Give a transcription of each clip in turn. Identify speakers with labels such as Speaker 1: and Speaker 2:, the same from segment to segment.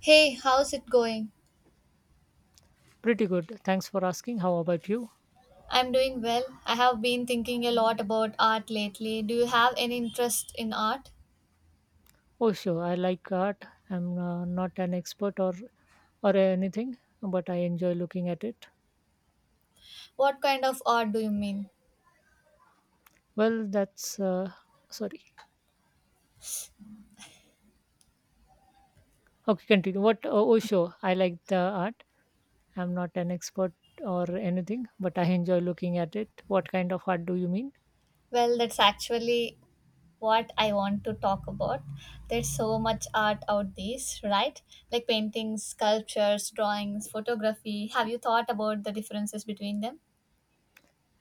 Speaker 1: Hey, how's it going?
Speaker 2: Pretty good. Thanks for asking. How about you?
Speaker 1: I'm doing well. I have been thinking a lot about art lately. Do you have any interest in art?
Speaker 2: Oh, sure. I like art. I'm not an expert or anything, but I enjoy looking at it.
Speaker 1: What kind of art do you mean?
Speaker 2: Well, that's sorry. Okay, continue. What? Oh, sure. I like the art. I'm not an expert or anything, but I enjoy looking at it. What kind of art do you mean?
Speaker 1: Well, that's actually what I want to talk about. There's so much art out these, right? Like paintings, sculptures, drawings, photography. Have you thought about the differences between them?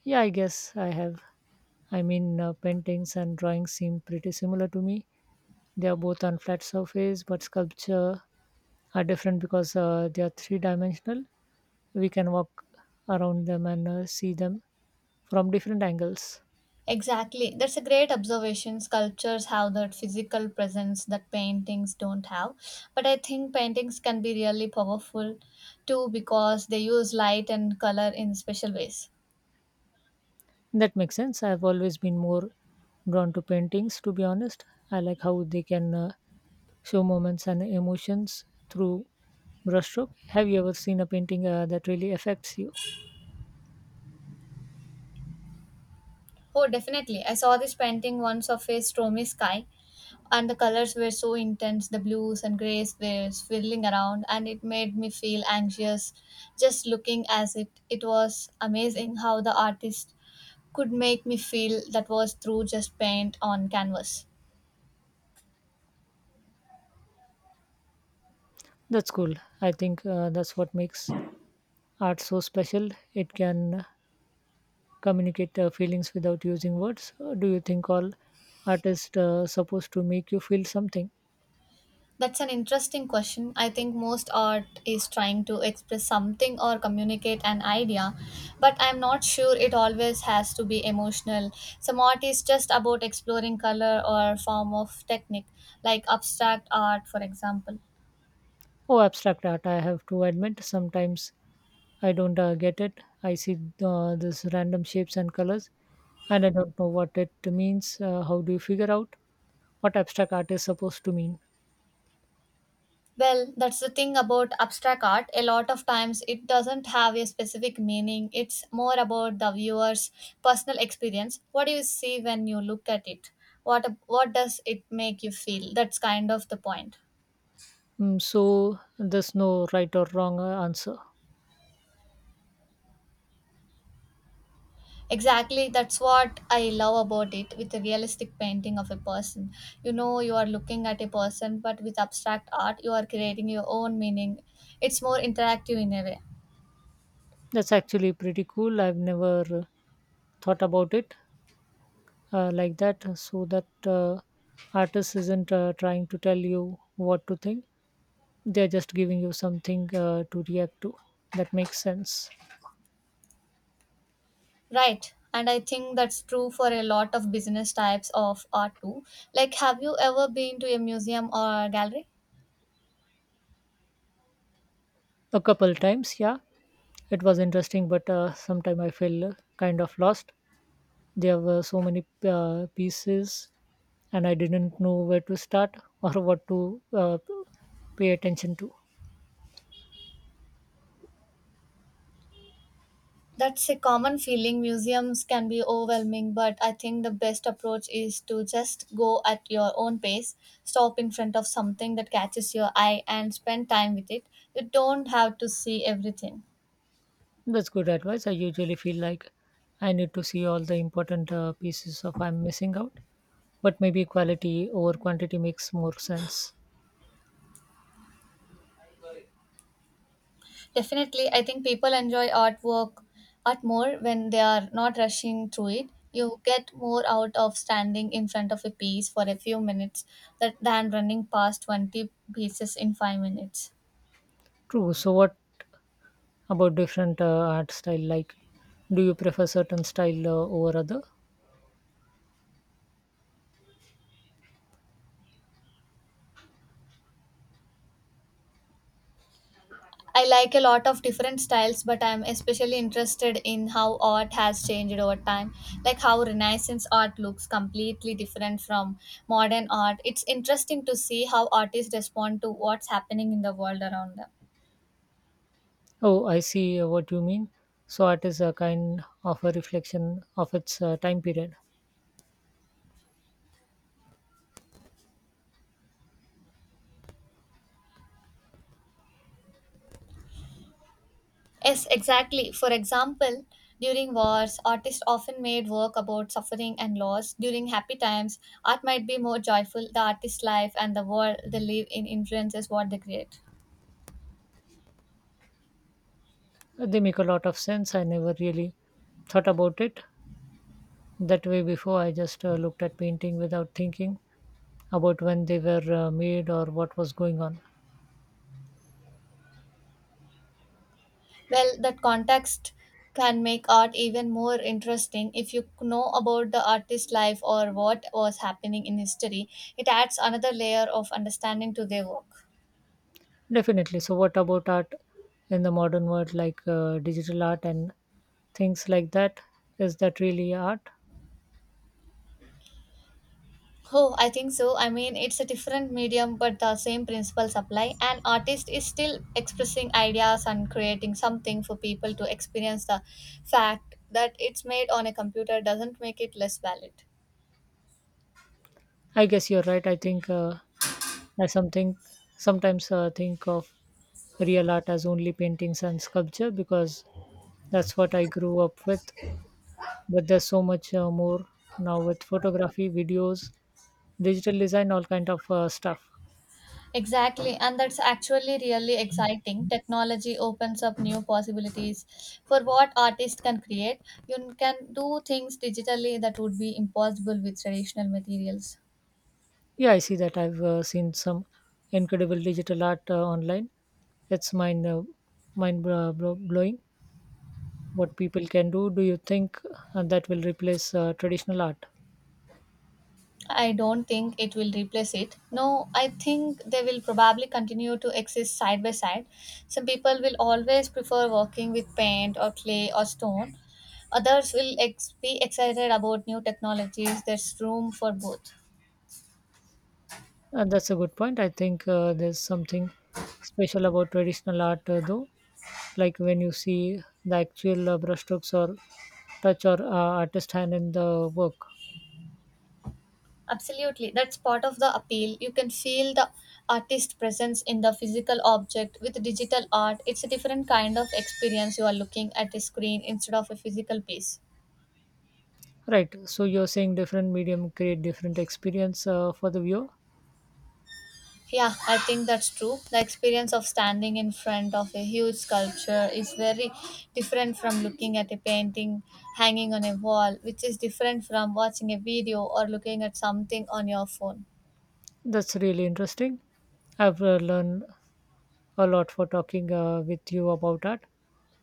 Speaker 2: Yeah, I guess I have. I mean, paintings and drawings seem pretty similar to me. They are both on flat surface, but sculpture are different because they are three dimensional. We can walk around them and see them from different angles.
Speaker 1: Exactly. That's a great observation. Sculptures have that physical presence that paintings don't have. But I think paintings can be really powerful too because they use light and color in special ways.
Speaker 2: That makes sense. I've always been more drawn to paintings, to be honest. I like how they can show moments and emotions through brushstroke. Have you ever seen a painting that really affects you?
Speaker 1: Oh, definitely. I saw this painting once of a stormy sky, and the colors were so intense. The blues and grays were swirling around, and it made me feel anxious just looking at it. It was amazing how the artist could make me feel that was through just paint on canvas.
Speaker 2: That's cool. I think that's what makes art so special. It can communicate feelings without using words. Do you think all artists supposed to make you feel something?
Speaker 1: That's an interesting question. I think most art is trying to express something or communicate an idea, but I'm not sure it always has to be emotional. Some art is just about exploring color or form of technique, like abstract art, for example.
Speaker 2: Oh, abstract art, I have to admit sometimes I don't get it. I see this random shapes and colors, and I don't know what it means. How do you figure out what abstract art is supposed to mean?
Speaker 1: Well, that's the thing about abstract art. A lot of times it doesn't have a specific meaning, it's more about the viewer's personal experience. What do you see when you look at it? What does it make you feel? That's kind of the point.
Speaker 2: Mm, so there's no right or wrong answer.
Speaker 1: Exactly, that's what I love about it with a realistic painting of a person. You know, you are looking at a person, but with abstract art, you are creating your own meaning. It's more interactive in a way,
Speaker 2: That's actually pretty cool. I've never thought about it like that. So that artist isn't trying to tell you what to think; they're just giving you something to react to. That makes sense.
Speaker 1: right? And I think that's true for a lot of business types of art too. Like, have you ever been to a museum or gallery?
Speaker 2: A couple times, yeah. It was interesting, but sometimes I feel kind of lost. There were so many pieces, and I didn't know where to start or what to pay attention to.
Speaker 1: That's a common feeling. Museums can be overwhelming, but I think the best approach is to just go at your own pace, stop in front of something that catches your eye, and spend time with it. You don't have to see everything.
Speaker 2: That's good advice. I usually feel like I need to see all the important pieces of I'm missing out, but maybe quality over quantity makes more sense.
Speaker 1: Definitely, I think people enjoy art more when they are not rushing through it. You get more out of standing in front of a piece for a few minutes that, than running past 20 pieces in 5 minutes.
Speaker 2: True. So, what about different art style? Like, do you prefer certain style over other?
Speaker 1: I like a lot of different styles, but I'm especially interested in how art has changed over time. Like how Renaissance art looks completely different from modern art. It's interesting to see how artists respond to what's happening in the world around them.
Speaker 2: Oh, I see what you mean. So art is a kind of a reflection of its time period.
Speaker 1: Yes, exactly. For example, during wars, artists often made work about suffering and loss. During happy times, art might be more joyful. The artist's life and the world they live in influences what they create.
Speaker 2: They make a lot of sense. I never really thought about it that way before. I just looked at painting without thinking about when they were made or what was going on.
Speaker 1: Well, that context can make art even more interesting if you know about the artist's life or what was happening in history. It adds another layer of understanding to their work.
Speaker 2: Definitely. So what about art in the modern world, like digital art and things like that? Is that really art?
Speaker 1: Oh, I think so. I mean, it's a different medium, but the same principles apply. An artist is still expressing ideas and creating something for people to experience. The fact that it's made on a computer doesn't make it less valid.
Speaker 2: I guess you're right. I think I something sometimes think of real art as only paintings and sculpture because that's what I grew up with. But there's so much more now with photography, videos, digital design, all kind of stuff.
Speaker 1: Exactly, and that's actually really exciting. Technology opens up new possibilities for what artists can create. You can do things digitally that would be impossible with traditional materials.
Speaker 2: Yeah, I see that. I've seen some incredible digital art online. It's mind blowing what people can do. Do you think that will replace traditional art?
Speaker 1: I don't think it will replace it. No, I think they will probably continue to exist side by side. Some people will always prefer working with paint or clay or stone. Others will be excited about new technologies. There's room for both.
Speaker 2: That's a good point. I think there's something special about traditional art, though, like when you see the actual brushstrokes or touch or artist hand in the work.
Speaker 1: Absolutely, that's part of the appeal. You can feel the artist presence in the physical object. With digital art, it's a different kind of experience. You are looking at a screen instead of a physical piece.
Speaker 2: Right. So you're saying different medium create different experience for the viewer.
Speaker 1: Yeah, I think that's true. The experience of standing in front of a huge sculpture is very different from looking at a painting hanging on a wall, which is different from watching a video or looking at something on your phone.
Speaker 2: That's really interesting. I've learned a lot for talking with you about art.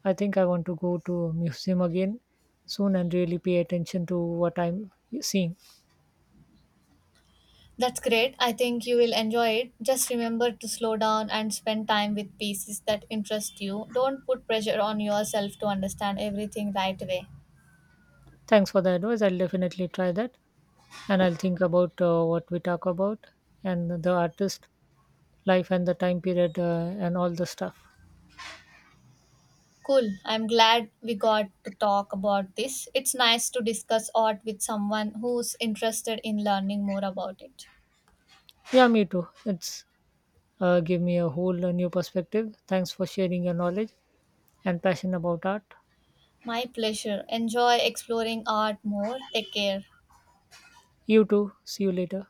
Speaker 2: I think I want to go to a museum again soon and really pay attention to what I'm seeing.
Speaker 1: That's great. I think you will enjoy it. Just remember to slow down and spend time with pieces that interest you. Don't put pressure on yourself to understand everything right away.
Speaker 2: Thanks for the advice. I'll definitely try that. And I'll think about what we talk about and the artist life and the time period and all the stuff.
Speaker 1: Cool. I'm glad we got to talk about this. It's nice to discuss art with someone who's interested in learning more about it.
Speaker 2: Yeah, me too. It's give me a whole new perspective. Thanks for sharing your knowledge and passion about art.
Speaker 1: My pleasure. Enjoy exploring art more. Take care.
Speaker 2: You too. See you later.